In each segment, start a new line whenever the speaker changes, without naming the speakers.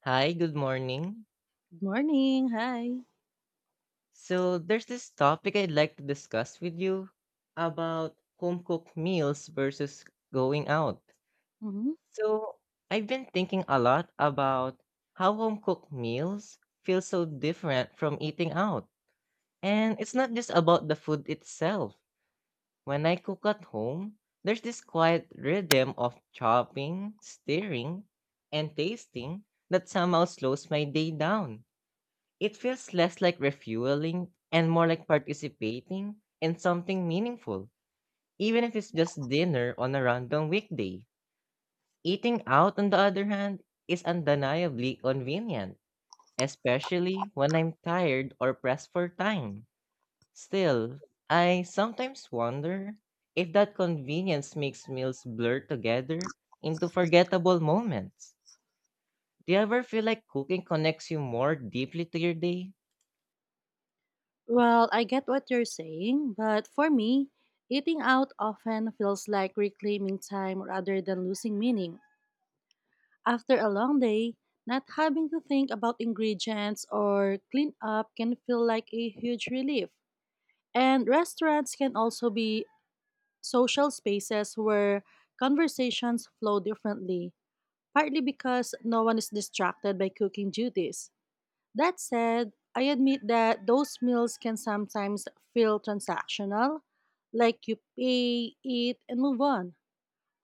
Hi, good morning.
Good morning. Hi.
So, there's this topic I'd like to discuss with you about home cooked meals versus going out.
hmm
So, I've been thinking a lot about how home cooked meals feel so different from eating out. And it's not just about the food itself. When I cook at home, there's this quiet rhythm of chopping, stirring, and tasting that somehow slows my day down. It feels less like refueling and more like participating in something meaningful, even if it's just dinner on a random weekday. Eating out, on the other hand, is undeniably convenient, especially when I'm tired or pressed for time. Still, I sometimes wonder if that convenience makes meals blur together into forgettable moments. Do you ever feel like cooking connects you more deeply to your day?
Well, I get what you're saying, but for me, eating out often feels like reclaiming time rather than losing meaning. After a long day, not having to think about ingredients or clean up can feel like a huge relief. And restaurants can also be social spaces where conversations flow differently, partly because no one is distracted by cooking duties. That said, I admit that those meals can sometimes feel transactional, like you pay, eat, and move on.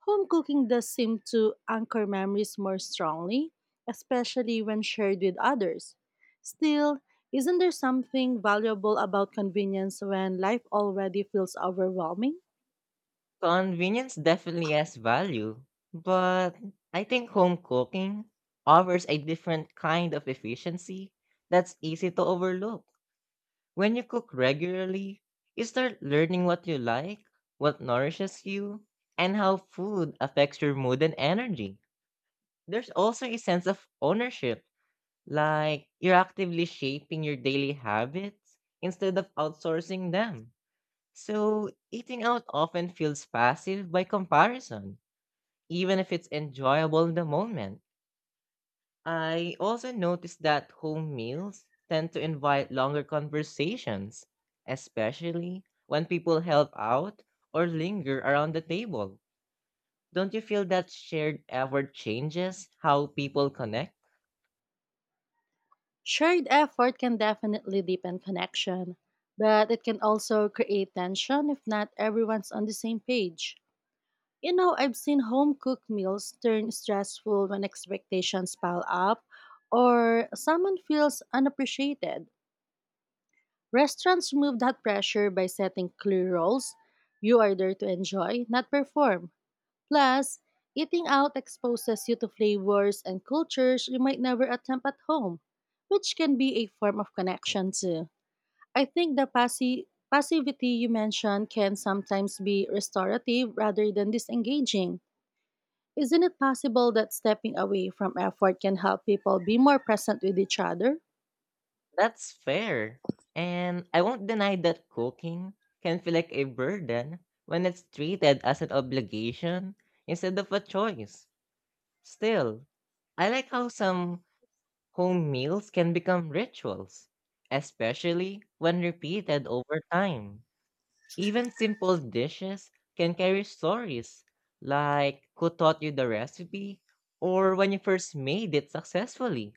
Home cooking does seem to anchor memories more strongly, especially when shared with others. Still, isn't there something valuable about convenience when life already feels overwhelming?
Convenience definitely has value, but I think home cooking offers a different kind of efficiency that's easy to overlook. When you cook regularly, you start learning what you like, what nourishes you, and how food affects your mood and energy. There's also a sense of ownership, like you're actively shaping your daily habits instead of outsourcing them. So, eating out often feels passive by comparison, even if it's enjoyable in the moment. I also noticed that home meals tend to invite longer conversations, especially when people help out or linger around the table. Don't you feel that shared effort changes how people connect?
Shared effort can definitely deepen connection, but it can also create tension if not everyone's on the same page. You know, I've seen home cooked meals turn stressful when expectations pile up or someone feels unappreciated. Restaurants remove that pressure by setting clear rules. You are there to enjoy, not perform. Plus, eating out exposes you to flavors and cultures you might never attempt at home, which can be a form of connection too. I think the passivity you mentioned can sometimes be restorative rather than disengaging. Isn't it possible that stepping away from effort can help people be more present with each other?
That's fair. And I won't deny that cooking can feel like a burden when it's treated as an obligation instead of a choice. Still, I like how some home meals can become rituals, especially when repeated over time. Even simple dishes can carry stories, like who taught you the recipe or when you first made it successfully.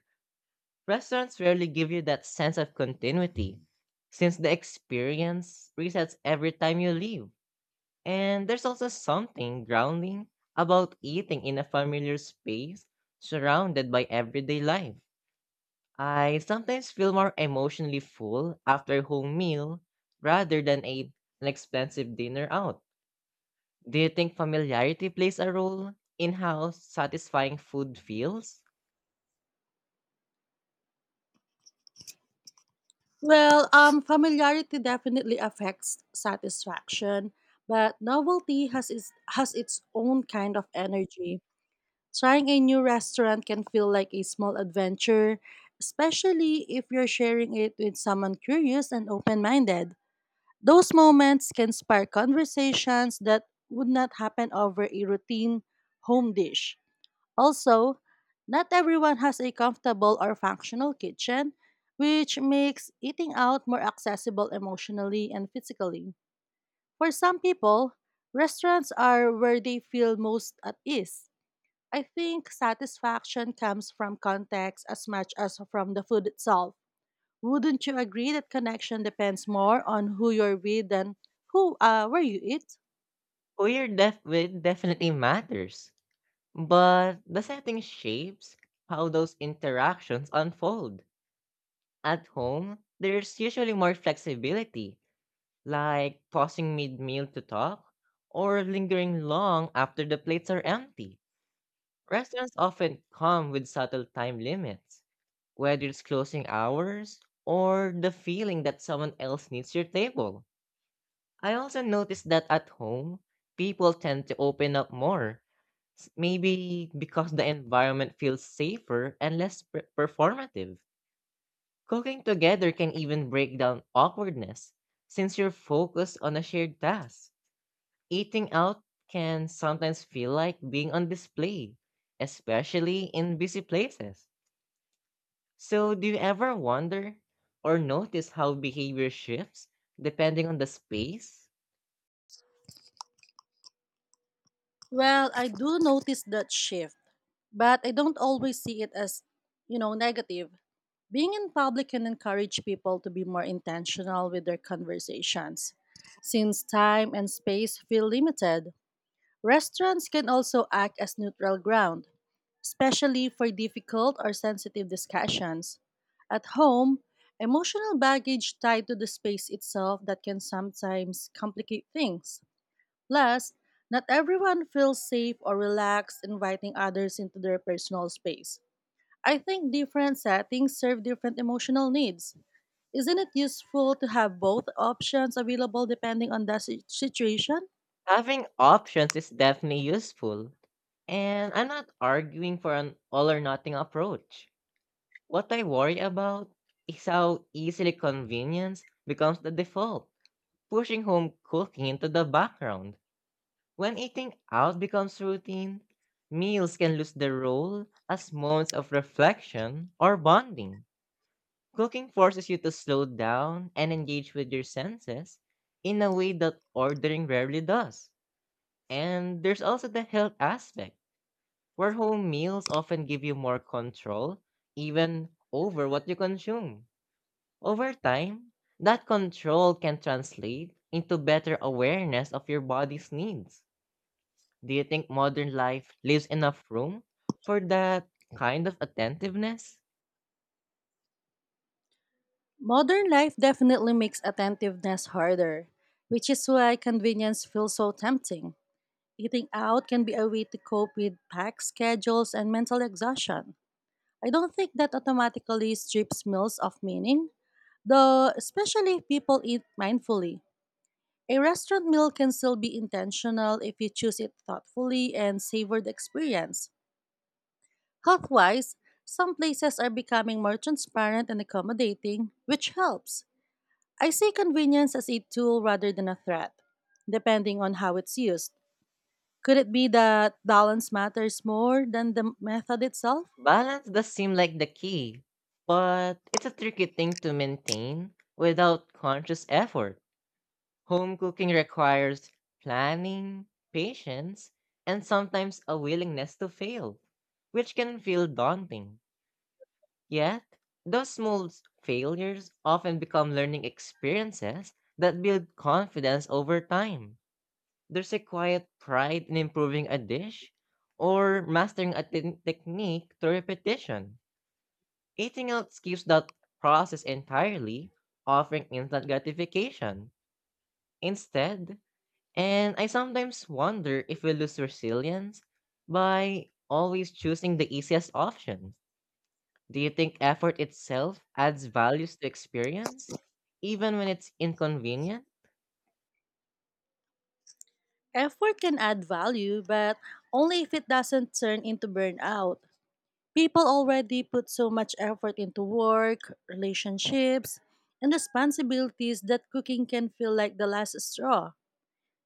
Restaurants rarely give you that sense of continuity, since the experience resets every time you leave. And there's also something grounding about eating in a familiar space, surrounded by everyday life. I sometimes feel more emotionally full after a home meal rather than an expensive dinner out. Do you think familiarity plays a role in how satisfying food feels?
Familiarity definitely affects satisfaction, but novelty has its own kind of energy. Trying a new restaurant can feel like a small adventure, especially if you're sharing it with someone curious and open minded. Those moments can spark conversations that would not happen over a routine home dish. Also, not everyone has a comfortable or functional kitchen, which makes eating out more accessible emotionally and physically. For some people, restaurants are where they feel most at ease. I think satisfaction comes from context as much as from the food itself. Wouldn't you agree that connection depends more on who you're with than who where you eat?
It definitely matters, but the setting shapes how those interactions unfold. At home, there's usually more flexibility, like pausing mid meal to talk or lingering long after the plates are empty. Restaurants often come with subtle time limits, whether it's closing hours or the feeling that someone else needs your table. I also noticed that at home, people tend to open up more, maybe because the environment feels safer and less performative. Cooking together can even break down awkwardness since you're focused on a shared task. Eating out can sometimes feel like being on display, especially in busy places. So, do you ever wonder or notice how behavior shifts depending on the space?
Well, I do notice that shift, but I don't always see it as, negative. Being in public can encourage people to be more intentional with their conversations. Since time and space feel limited, restaurants can also act as neutral ground, especially for difficult or sensitive discussions. At home, emotional baggage tied to the space itself that can sometimes complicate things. Plus, not everyone feels safe or relaxed inviting others into their personal space. I think different settings serve different emotional needs. Isn't it useful to have both options available depending on the situation?
Having options is definitely useful, and I'm not arguing for an all or nothing approach. What I worry about is how easily convenience becomes the default, pushing home cooking into the background. When eating out becomes routine, meals can lose their role as moments of reflection or bonding. Cooking forces you to slow down and engage with your senses in a way that ordering rarely does. And there's also the health aspect, where home meals often give you more control, even over what you consume. Over time, that control can translate into better awareness of your body's needs. Do you think modern life leaves enough room for that kind of attentiveness?
Modern life definitely makes attentiveness harder, which is why convenience feels so tempting. Eating out can be a way to cope with packed schedules and mental exhaustion. I don't think that automatically strips meals of meaning, though, especially if people eat mindfully. A restaurant meal can still be intentional if you choose it thoughtfully and savor the experience. Health wise, some places are becoming more transparent and accommodating, which helps. I see convenience as a tool rather than a threat, depending on how it's used. Could it be that balance matters more than the method itself?
Balance does seem like the key, but it's a tricky thing to maintain without conscious effort. Home cooking requires planning, patience, and sometimes a willingness to fail, which can feel daunting. Yet, those small failures often become learning experiences that build confidence over time. There's a quiet pride in improving a dish or mastering a technique through repetition. Eating out skips that process entirely, offering instant gratification. Instead, and I sometimes wonder if we lose resilience by always choosing the easiest option. Do you think effort itself adds values to experience, even when it's inconvenient?
Effort can add value, but only if it doesn't turn into burnout. People already put so much effort into work, relationships, and responsibilities that cooking can feel like the last straw.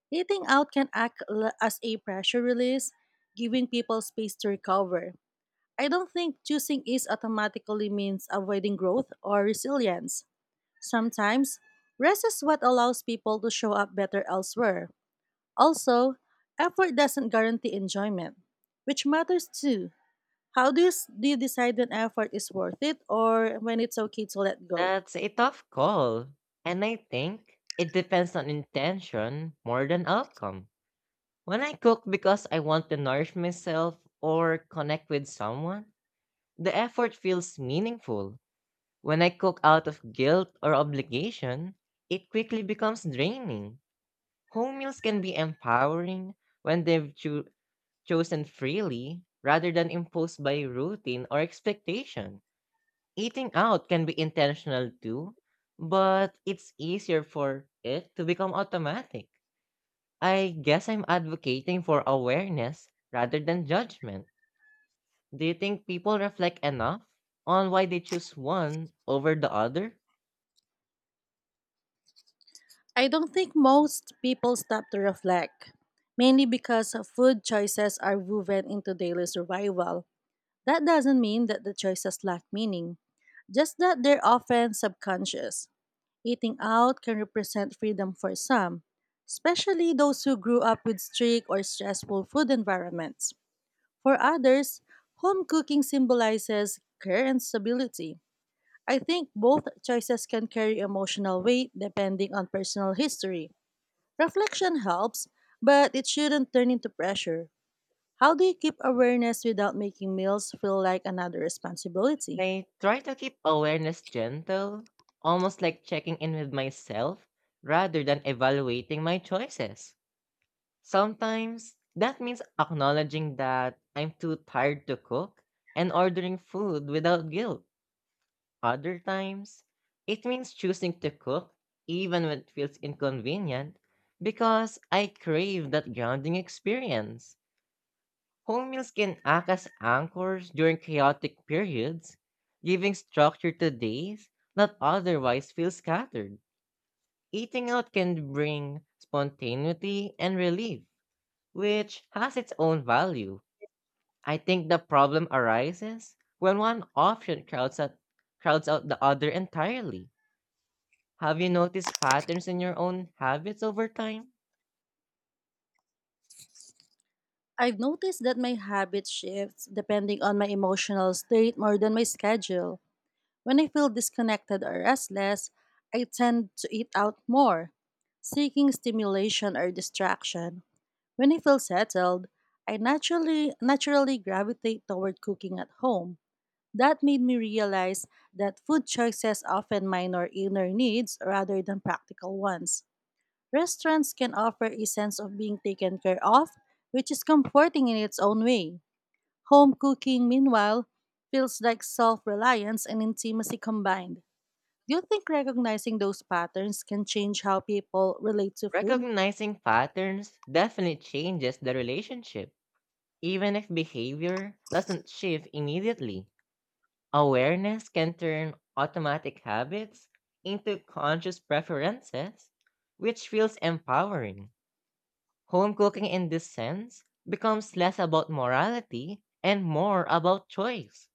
Eating out can as a pressure release, giving people space to recover. I don't think choosing is automatically means avoiding growth or resilience. Sometimes, rest is what allows people to show up better elsewhere. Also, effort doesn't guarantee enjoyment, which matters too. How do do you decide when effort is worth it or when it's okay to let go?
That's a tough call. And I think it depends on intention more than outcome. When I cook because I want to nourish myself or connect with someone, the effort feels meaningful. When I cook out of guilt or obligation, it quickly becomes draining. Home meals can be empowering when they've chosen freely rather than imposed by routine or expectation. Eating out can be intentional too, but it's easier for it to become automatic. I guess I'm advocating for awareness rather than judgment. Do you think people reflect enough on why they choose one over the other?
I don't think most people stop to reflect, mainly because food choices are woven into daily survival. That doesn't mean that the choices lack meaning, just that they're often subconscious. Eating out can represent freedom for some, especially those who grew up with strict or stressful food environments. For others, home cooking symbolizes care and stability. I think both choices can carry emotional weight depending on personal history. Reflection helps, but it shouldn't turn into pressure. How do you keep awareness without making meals feel like another responsibility?
I try to keep awareness gentle, almost like checking in with myself rather than evaluating my choices. Sometimes that means acknowledging that I'm too tired to cook and ordering food without guilt. Other times, it means choosing to cook even when it feels inconvenient because I crave that grounding experience. Home meals can act as anchors during chaotic periods, giving structure to days that otherwise feel scattered. Eating out can bring spontaneity and relief, which has its own value. I think the problem arises when one option crowds out the other entirely. Have you noticed patterns in your own habits over time?
I've noticed that my habit shifts depending on my emotional state more than my schedule. When I feel disconnected or restless, I tend to eat out more, seeking stimulation or distraction. When I feel settled, I naturally gravitate toward cooking at home. That made me realize that food choices often minor inner needs rather than practical ones. Restaurants can offer a sense of being taken care of, which is comforting in its own way. Home cooking, meanwhile, feels like self reliance and intimacy combined. Do you think recognizing those patterns can change how people relate to food?
Recognizing patterns definitely changes the relationship. Even if behavior doesn't shift immediately, awareness can turn automatic habits into conscious preferences, which feels empowering. Home cooking in this sense becomes less about morality and more about choice.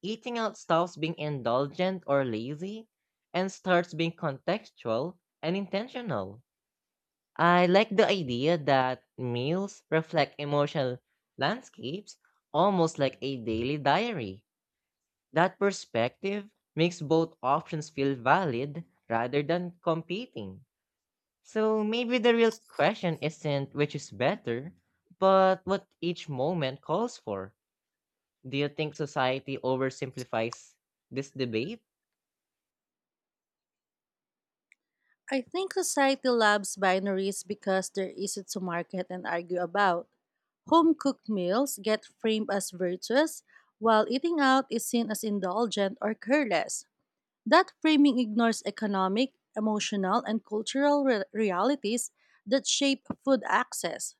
Eating out stops being indulgent or lazy and starts being contextual and intentional. I like the idea that meals reflect emotional landscapes, almost like a daily diary. That perspective makes both options feel valid rather than competing. So maybe the real question isn't which is better, but what each moment calls for. Do you think society oversimplifies this debate?
I think society loves binaries because they're easy to market and argue about. Home cooked meals get framed as virtuous, while eating out is seen as indulgent or careless. That framing ignores economic, emotional, and cultural realities that shape food access.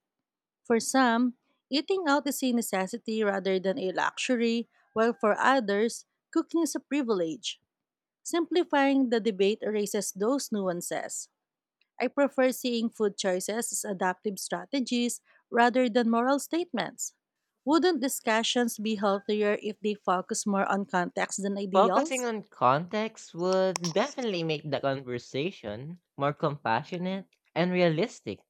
For some, eating out is a necessity rather than a luxury, while for others, cooking is a privilege. Simplifying the debate erases those nuances. I prefer seeing food choices as adaptive strategies rather than moral statements. Wouldn't discussions be healthier if they focus more on context than
Focusing
ideals?
on context would definitely make the conversation more compassionate and realistic.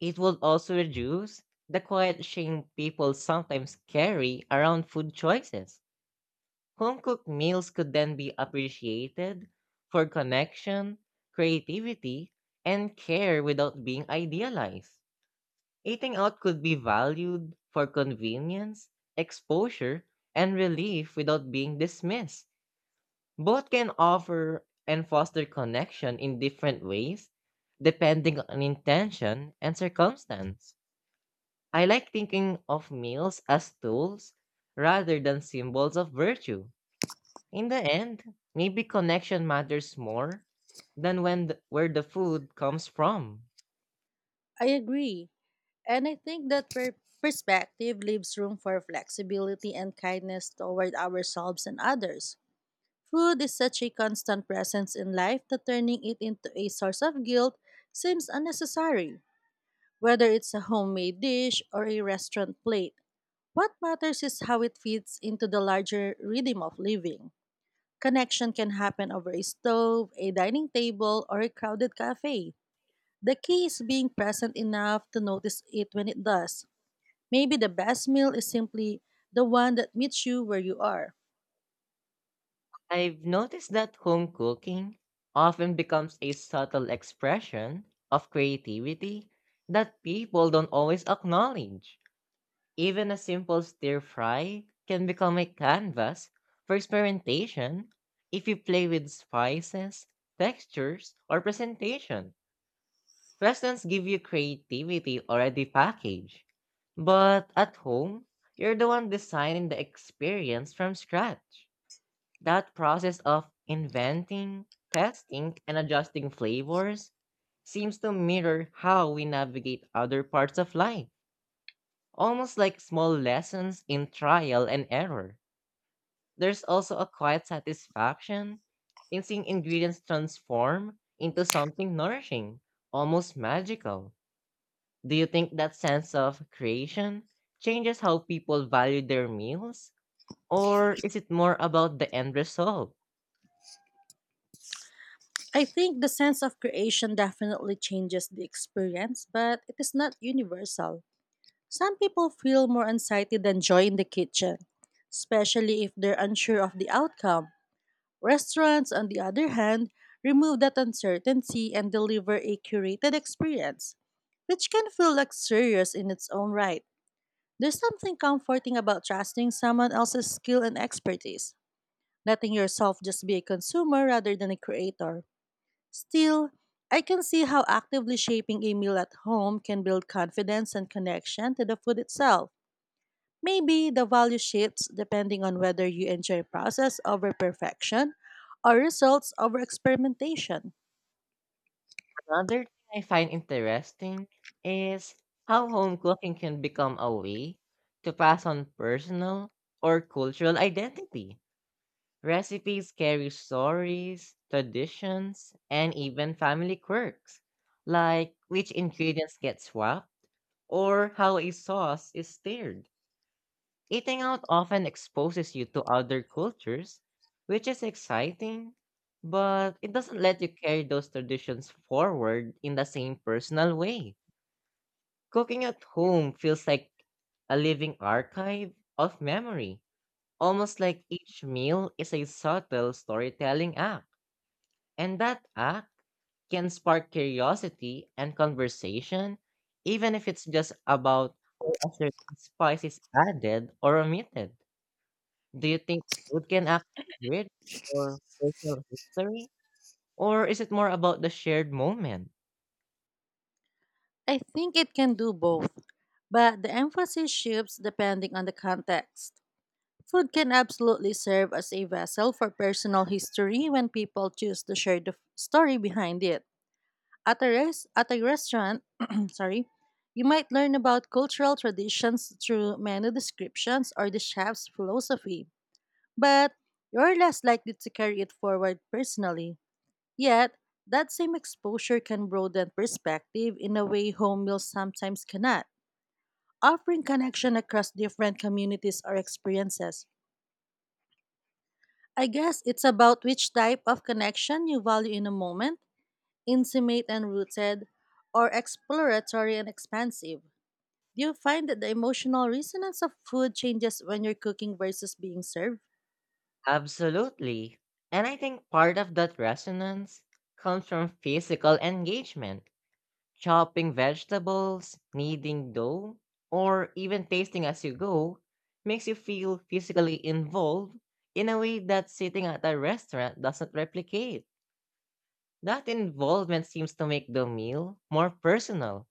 It would also reduce the quiet shame people sometimes carry around food choices. Home-cooked meals could then be appreciated for connection, creativity, and care without being idealized. Eating out could be valued for convenience, exposure, and relief without being dismissed. Both can offer and foster connection in different ways, depending on intention and circumstance. I like thinking of meals as tools rather than symbols of virtue. In the end, maybe connection matters more than where the food comes from.
I agree. And I think that perspective leaves room for flexibility and kindness toward ourselves and others. Food is such a constant presence in life that turning it into a source of guilt seems unnecessary. Whether it's a homemade dish or a restaurant plate, what matters is how it fits into the larger rhythm of living. Connection can happen over a stove, a dining table, or a crowded cafe. The key is being present enough to notice it when it does. Maybe the best meal is simply the one that meets you where you are.
I've noticed that home cooking often becomes a subtle expression of creativity that people don't always acknowledge. Even a simple stir fry can become a canvas for experimentation if you play with spices, textures, or presentation. Restaurants give you creativity already packaged, but at home, you're the one designing the experience from scratch. That process of inventing, testing, and adjusting flavors seems to mirror how we navigate other parts of life, almost like small lessons in trial and error. There's also a quiet satisfaction in seeing ingredients transform into something nourishing, almost magical. Do you think that sense of creation changes how people value their meals? Or is it more about the end result?
I think the sense of creation definitely changes the experience, but it is not universal. Some people feel more anxiety than joy in the kitchen, especially if they're unsure of the outcome. Restaurants, on the other hand, remove that uncertainty and deliver a curated experience, which can feel luxurious in its own right. There's something comforting about trusting someone else's skill and expertise, letting yourself just be a consumer rather than a creator. Still, I can see how actively shaping a meal at home can build confidence and connection to the food itself. Maybe the value shifts depending on whether you enjoy process over perfection or results over experimentation.
Another thing I find interesting is how home cooking can become a way to pass on personal or cultural identity. Recipes carry stories, traditions, and even family quirks, like which ingredients get swapped or how a sauce is stirred. Eating out often exposes you to other cultures, which is exciting, but it doesn't let you carry those traditions forward in the same personal way. Cooking at home feels like a living archive of memory, almost like each meal is a subtle storytelling act, and that act can spark curiosity and conversation, even if it's just about how a certain spice is added or omitted. Do you think food can actually bridge or personal history? Or is it more about the shared moment?
I think it can do both, but the emphasis shifts depending on the context. Food can absolutely serve as a vessel for personal history when people choose to share the story behind it. At at a restaurant, sorry, you might learn about cultural traditions through menu descriptions or the chef's philosophy, but you're less likely to carry it forward personally. Yet, that same exposure can broaden perspective in a way home meals sometimes cannot, offering connection across different communities or experiences. I guess it's about which type of connection you value in a moment, intimate and rooted, or exploratory and expansive. Do you find that the emotional resonance of food changes when you're cooking versus being served?
Absolutely. And I think part of that resonance comes from physical engagement. Chopping vegetables, kneading dough, or even tasting as you go makes you feel physically involved in a way that sitting at a restaurant doesn't replicate. That involvement seems to make the meal more personal,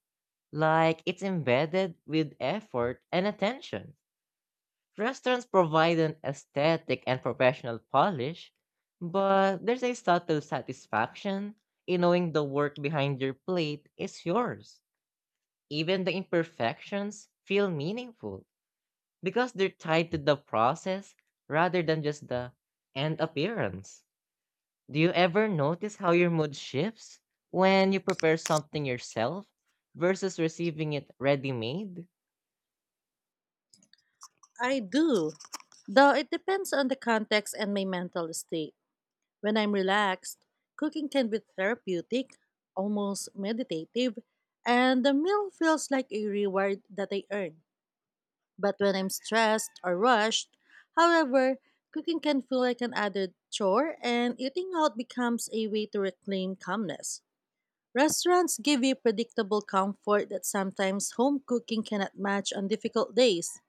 like it's embedded with effort and attention. Restaurants provide an aesthetic and professional polish, but there's a subtle satisfaction in knowing the work behind your plate is yours. Even the imperfections feel meaningful because they're tied to the process rather than just the end appearance. Do you ever notice how your mood shifts when you prepare something yourself versus receiving it ready made?
I do. Though it depends on the context and my mental state. When I'm relaxed, cooking can be therapeutic, almost meditative, and the meal feels like a reward that I earn. But when I'm stressed or rushed, however, cooking can feel like an added chore, and eating out becomes a way to reclaim calmness. Restaurants give you predictable comfort that sometimes home cooking cannot match on difficult days.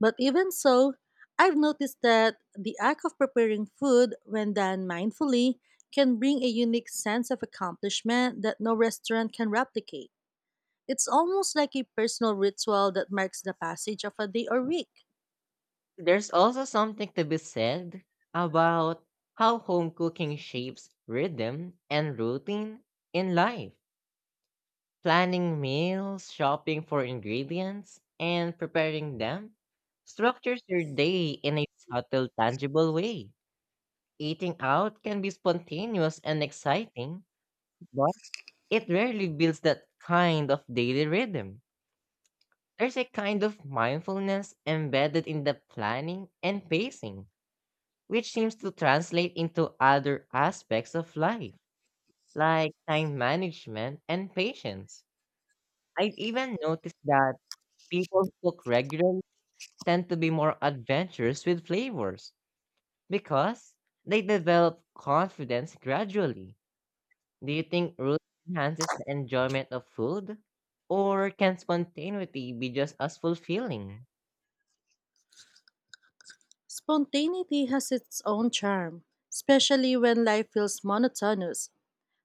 But even so, I've noticed that the act of preparing food when done mindfully can bring a unique sense of accomplishment that no restaurant can replicate. It's almost like a personal ritual that marks the passage of a day or week.
There's also something to be said about how home cooking shapes rhythm and routine in life. Planning meals, shopping for ingredients, and preparing them structures your day in a subtle, tangible way. Eating out can be spontaneous and exciting, but it rarely builds that kind of daily rhythm. There's a kind of mindfulness embedded in the planning and pacing, which seems to translate into other aspects of life, like time management and patience. I've even noticed that people who cook regularly tend to be more adventurous with flavors because they develop confidence gradually. Do you think routine enhances the enjoyment of food? Or can spontaneity be just as fulfilling?
Spontaneity has its own charm, especially when life feels monotonous.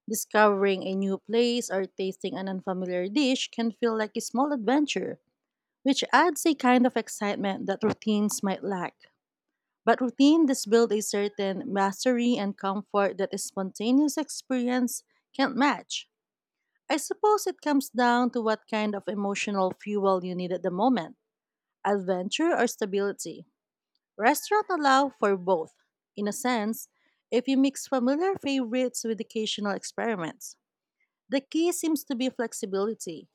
Discovering a new place or tasting an unfamiliar dish can feel like a small adventure, which adds a kind of excitement that routines might lack. But routine does build a certain mastery and comfort that a spontaneous experience can't match. I suppose it comes down to what kind of emotional fuel you need at the moment, adventure or stability. Restaurants allow for both, in a sense, if you mix familiar favorites with occasional experiments. The key seems to be flexibility,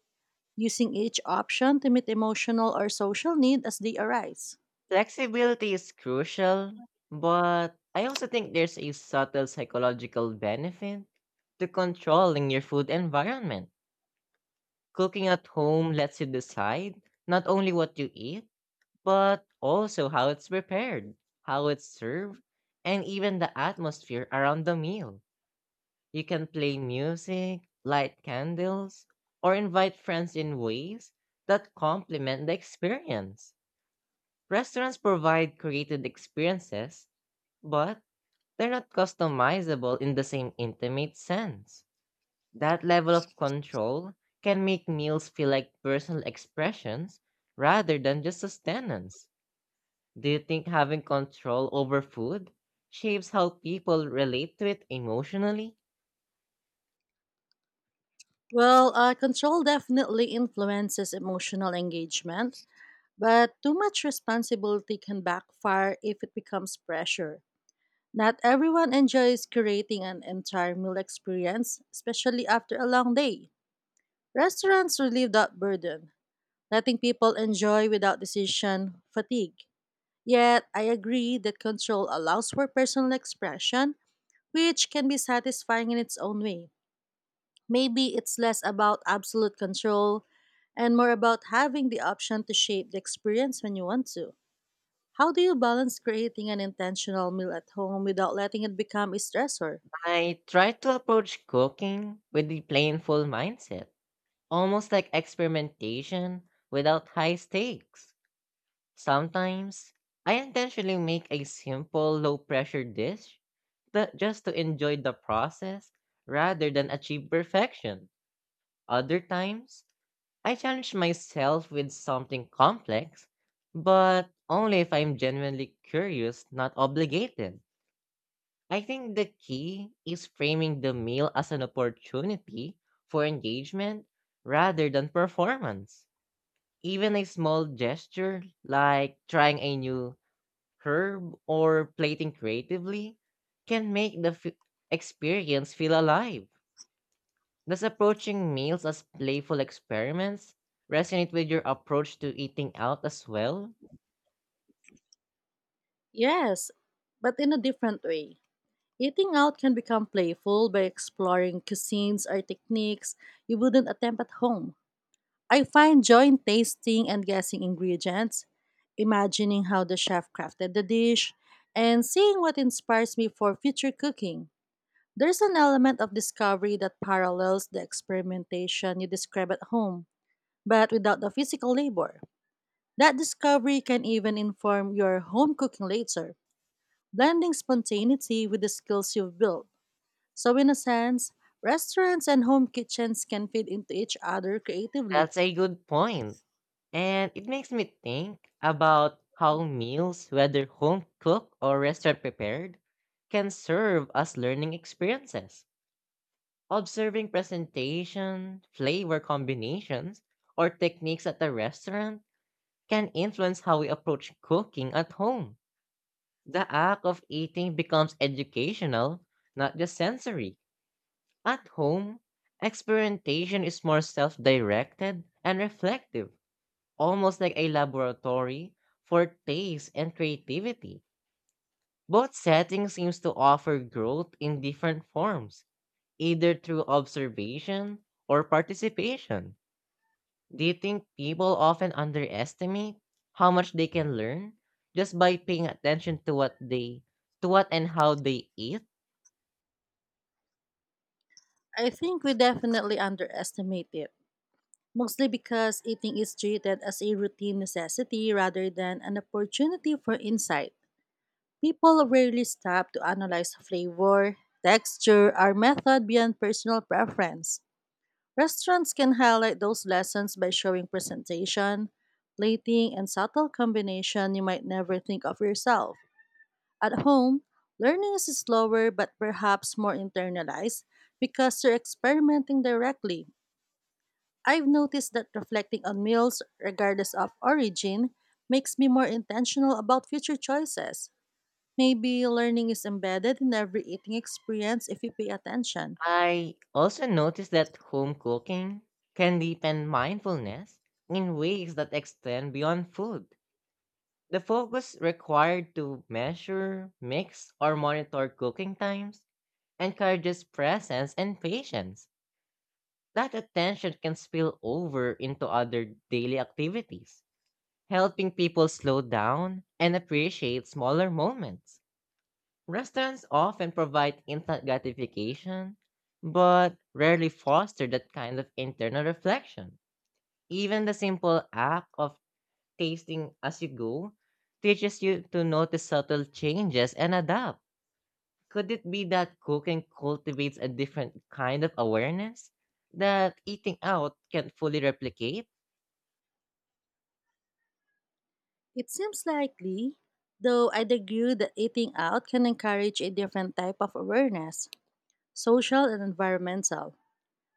using each option to meet emotional or social need as they arise.
Flexibility is crucial, but I also think there's a subtle psychological benefit to controlling your food environment. Cooking at home lets you decide not only what you eat, but also how it's prepared, how it's served, and even the atmosphere around the meal. You can play music, light candles, or invite friends in ways that complement the experience. Restaurants provide created experiences, but they're not customizable in the same intimate sense. That level of control can make meals feel like personal expressions rather than just sustenance. Do you think having control over food shapes how people relate to it emotionally?
Control definitely influences emotional engagement, but too much responsibility can backfire if it becomes pressure. Not everyone enjoys creating an entire meal experience, especially after a long day. Restaurants relieve that burden, letting people enjoy without decision fatigue. Yet, I agree that control allows for personal expression, which can be satisfying in its own way. Maybe it's less about absolute control and more about having the option to shape the experience when you want to. How do you balance creating an intentional meal at home without letting it become a stressor?
I try to approach cooking with the playful mindset, almost like experimentation without high stakes. Sometimes, I intentionally make a simple, low pressure dish that just to enjoy the process rather than achieve perfection. Other times, I challenge myself with something complex, but only if I'm genuinely curious, not obligated. I think the key is framing the meal as an opportunity for engagement rather than performance. Even a small gesture like trying a new herb or plating creatively can make the experience feel alive. Does approaching meals as playful experiments resonate with your approach to eating out as well?
Yes, but in a different way. Eating out can become playful by exploring cuisines or techniques you wouldn't attempt at home. I find joy in tasting and guessing ingredients, imagining how the chef crafted the dish, and seeing what inspires me for future cooking. There's an element of discovery that parallels the experimentation you describe at home, but without the physical labor. That discovery can even inform your home cooking later, blending spontaneity with the skills you've built. So, in a sense, restaurants and home kitchens can feed into each other creatively.
That's a good point. And it makes me think about how meals, whether home cooked or restaurant prepared, can serve as learning experiences. Observing presentation, flavor combinations, or techniques at the restaurant can influence how we approach cooking at home. The act of eating becomes educational, not just sensory. At home, experimentation is more self directed and reflective, almost like a laboratory for taste and creativity. Both settings seems to offer growth in different forms, either through observation or participation. Do you think people often underestimate how much they can learn just by paying attention to what they to what and how they eat?
I think we definitely underestimate it, mostly because eating is treated as a routine necessity rather than an opportunity for insight. People rarely stop to analyze flavor, texture, or method beyond personal preference. Restaurants can highlight those lessons by showing presentation, plating, and subtle combination you might never think of yourself. At home, learning is slower but perhaps more internalized because you're experimenting directly. I've noticed that reflecting on meals, regardless of origin, makes me more intentional about future choices. Maybe learning is embedded in every eating experience if you pay attention.
I also noticed that home cooking can deepen mindfulness in ways that extend beyond food. The focus required to measure, mix, or monitor cooking times encourages presence and patience. That attention can spill over into other daily activities, helping people slow down and appreciate smaller moments. Restaurants often provide instant gratification, but rarely foster that kind of internal reflection. Even the simple act of tasting as you go teaches you to notice subtle changes and adapt. Could it be that cooking cultivates a different kind of awareness that eating out can not fully replicate?
It seems likely, though I'd agree that eating out can encourage a different type of awareness, social and environmental.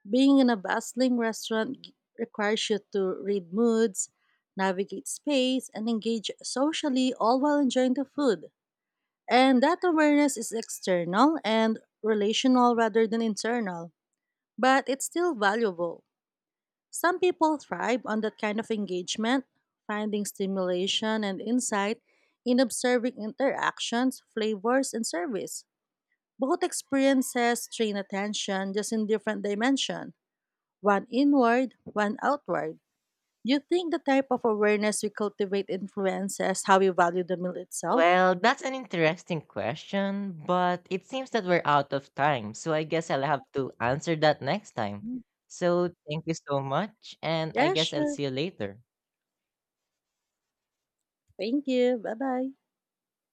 Being in a bustling restaurant requires you to read moods, navigate space, and engage socially all while enjoying the food. And that awareness is external and relational rather than internal, but it's still valuable. Some people thrive on that kind of engagement, finding stimulation and insight in observing interactions, flavors, and service. Both experiences train attention just in different dimension, one inward, one outward. Do you think the type of awareness we cultivate influences how we value the meal itself?
Well, that's an interesting question, but it seems that we're out of time, so I guess I'll have to answer that next time.
Mm.
So, thank you so much, and I
Yeah,
guess I'll
sure.
see you later.
Thank you. Bye bye.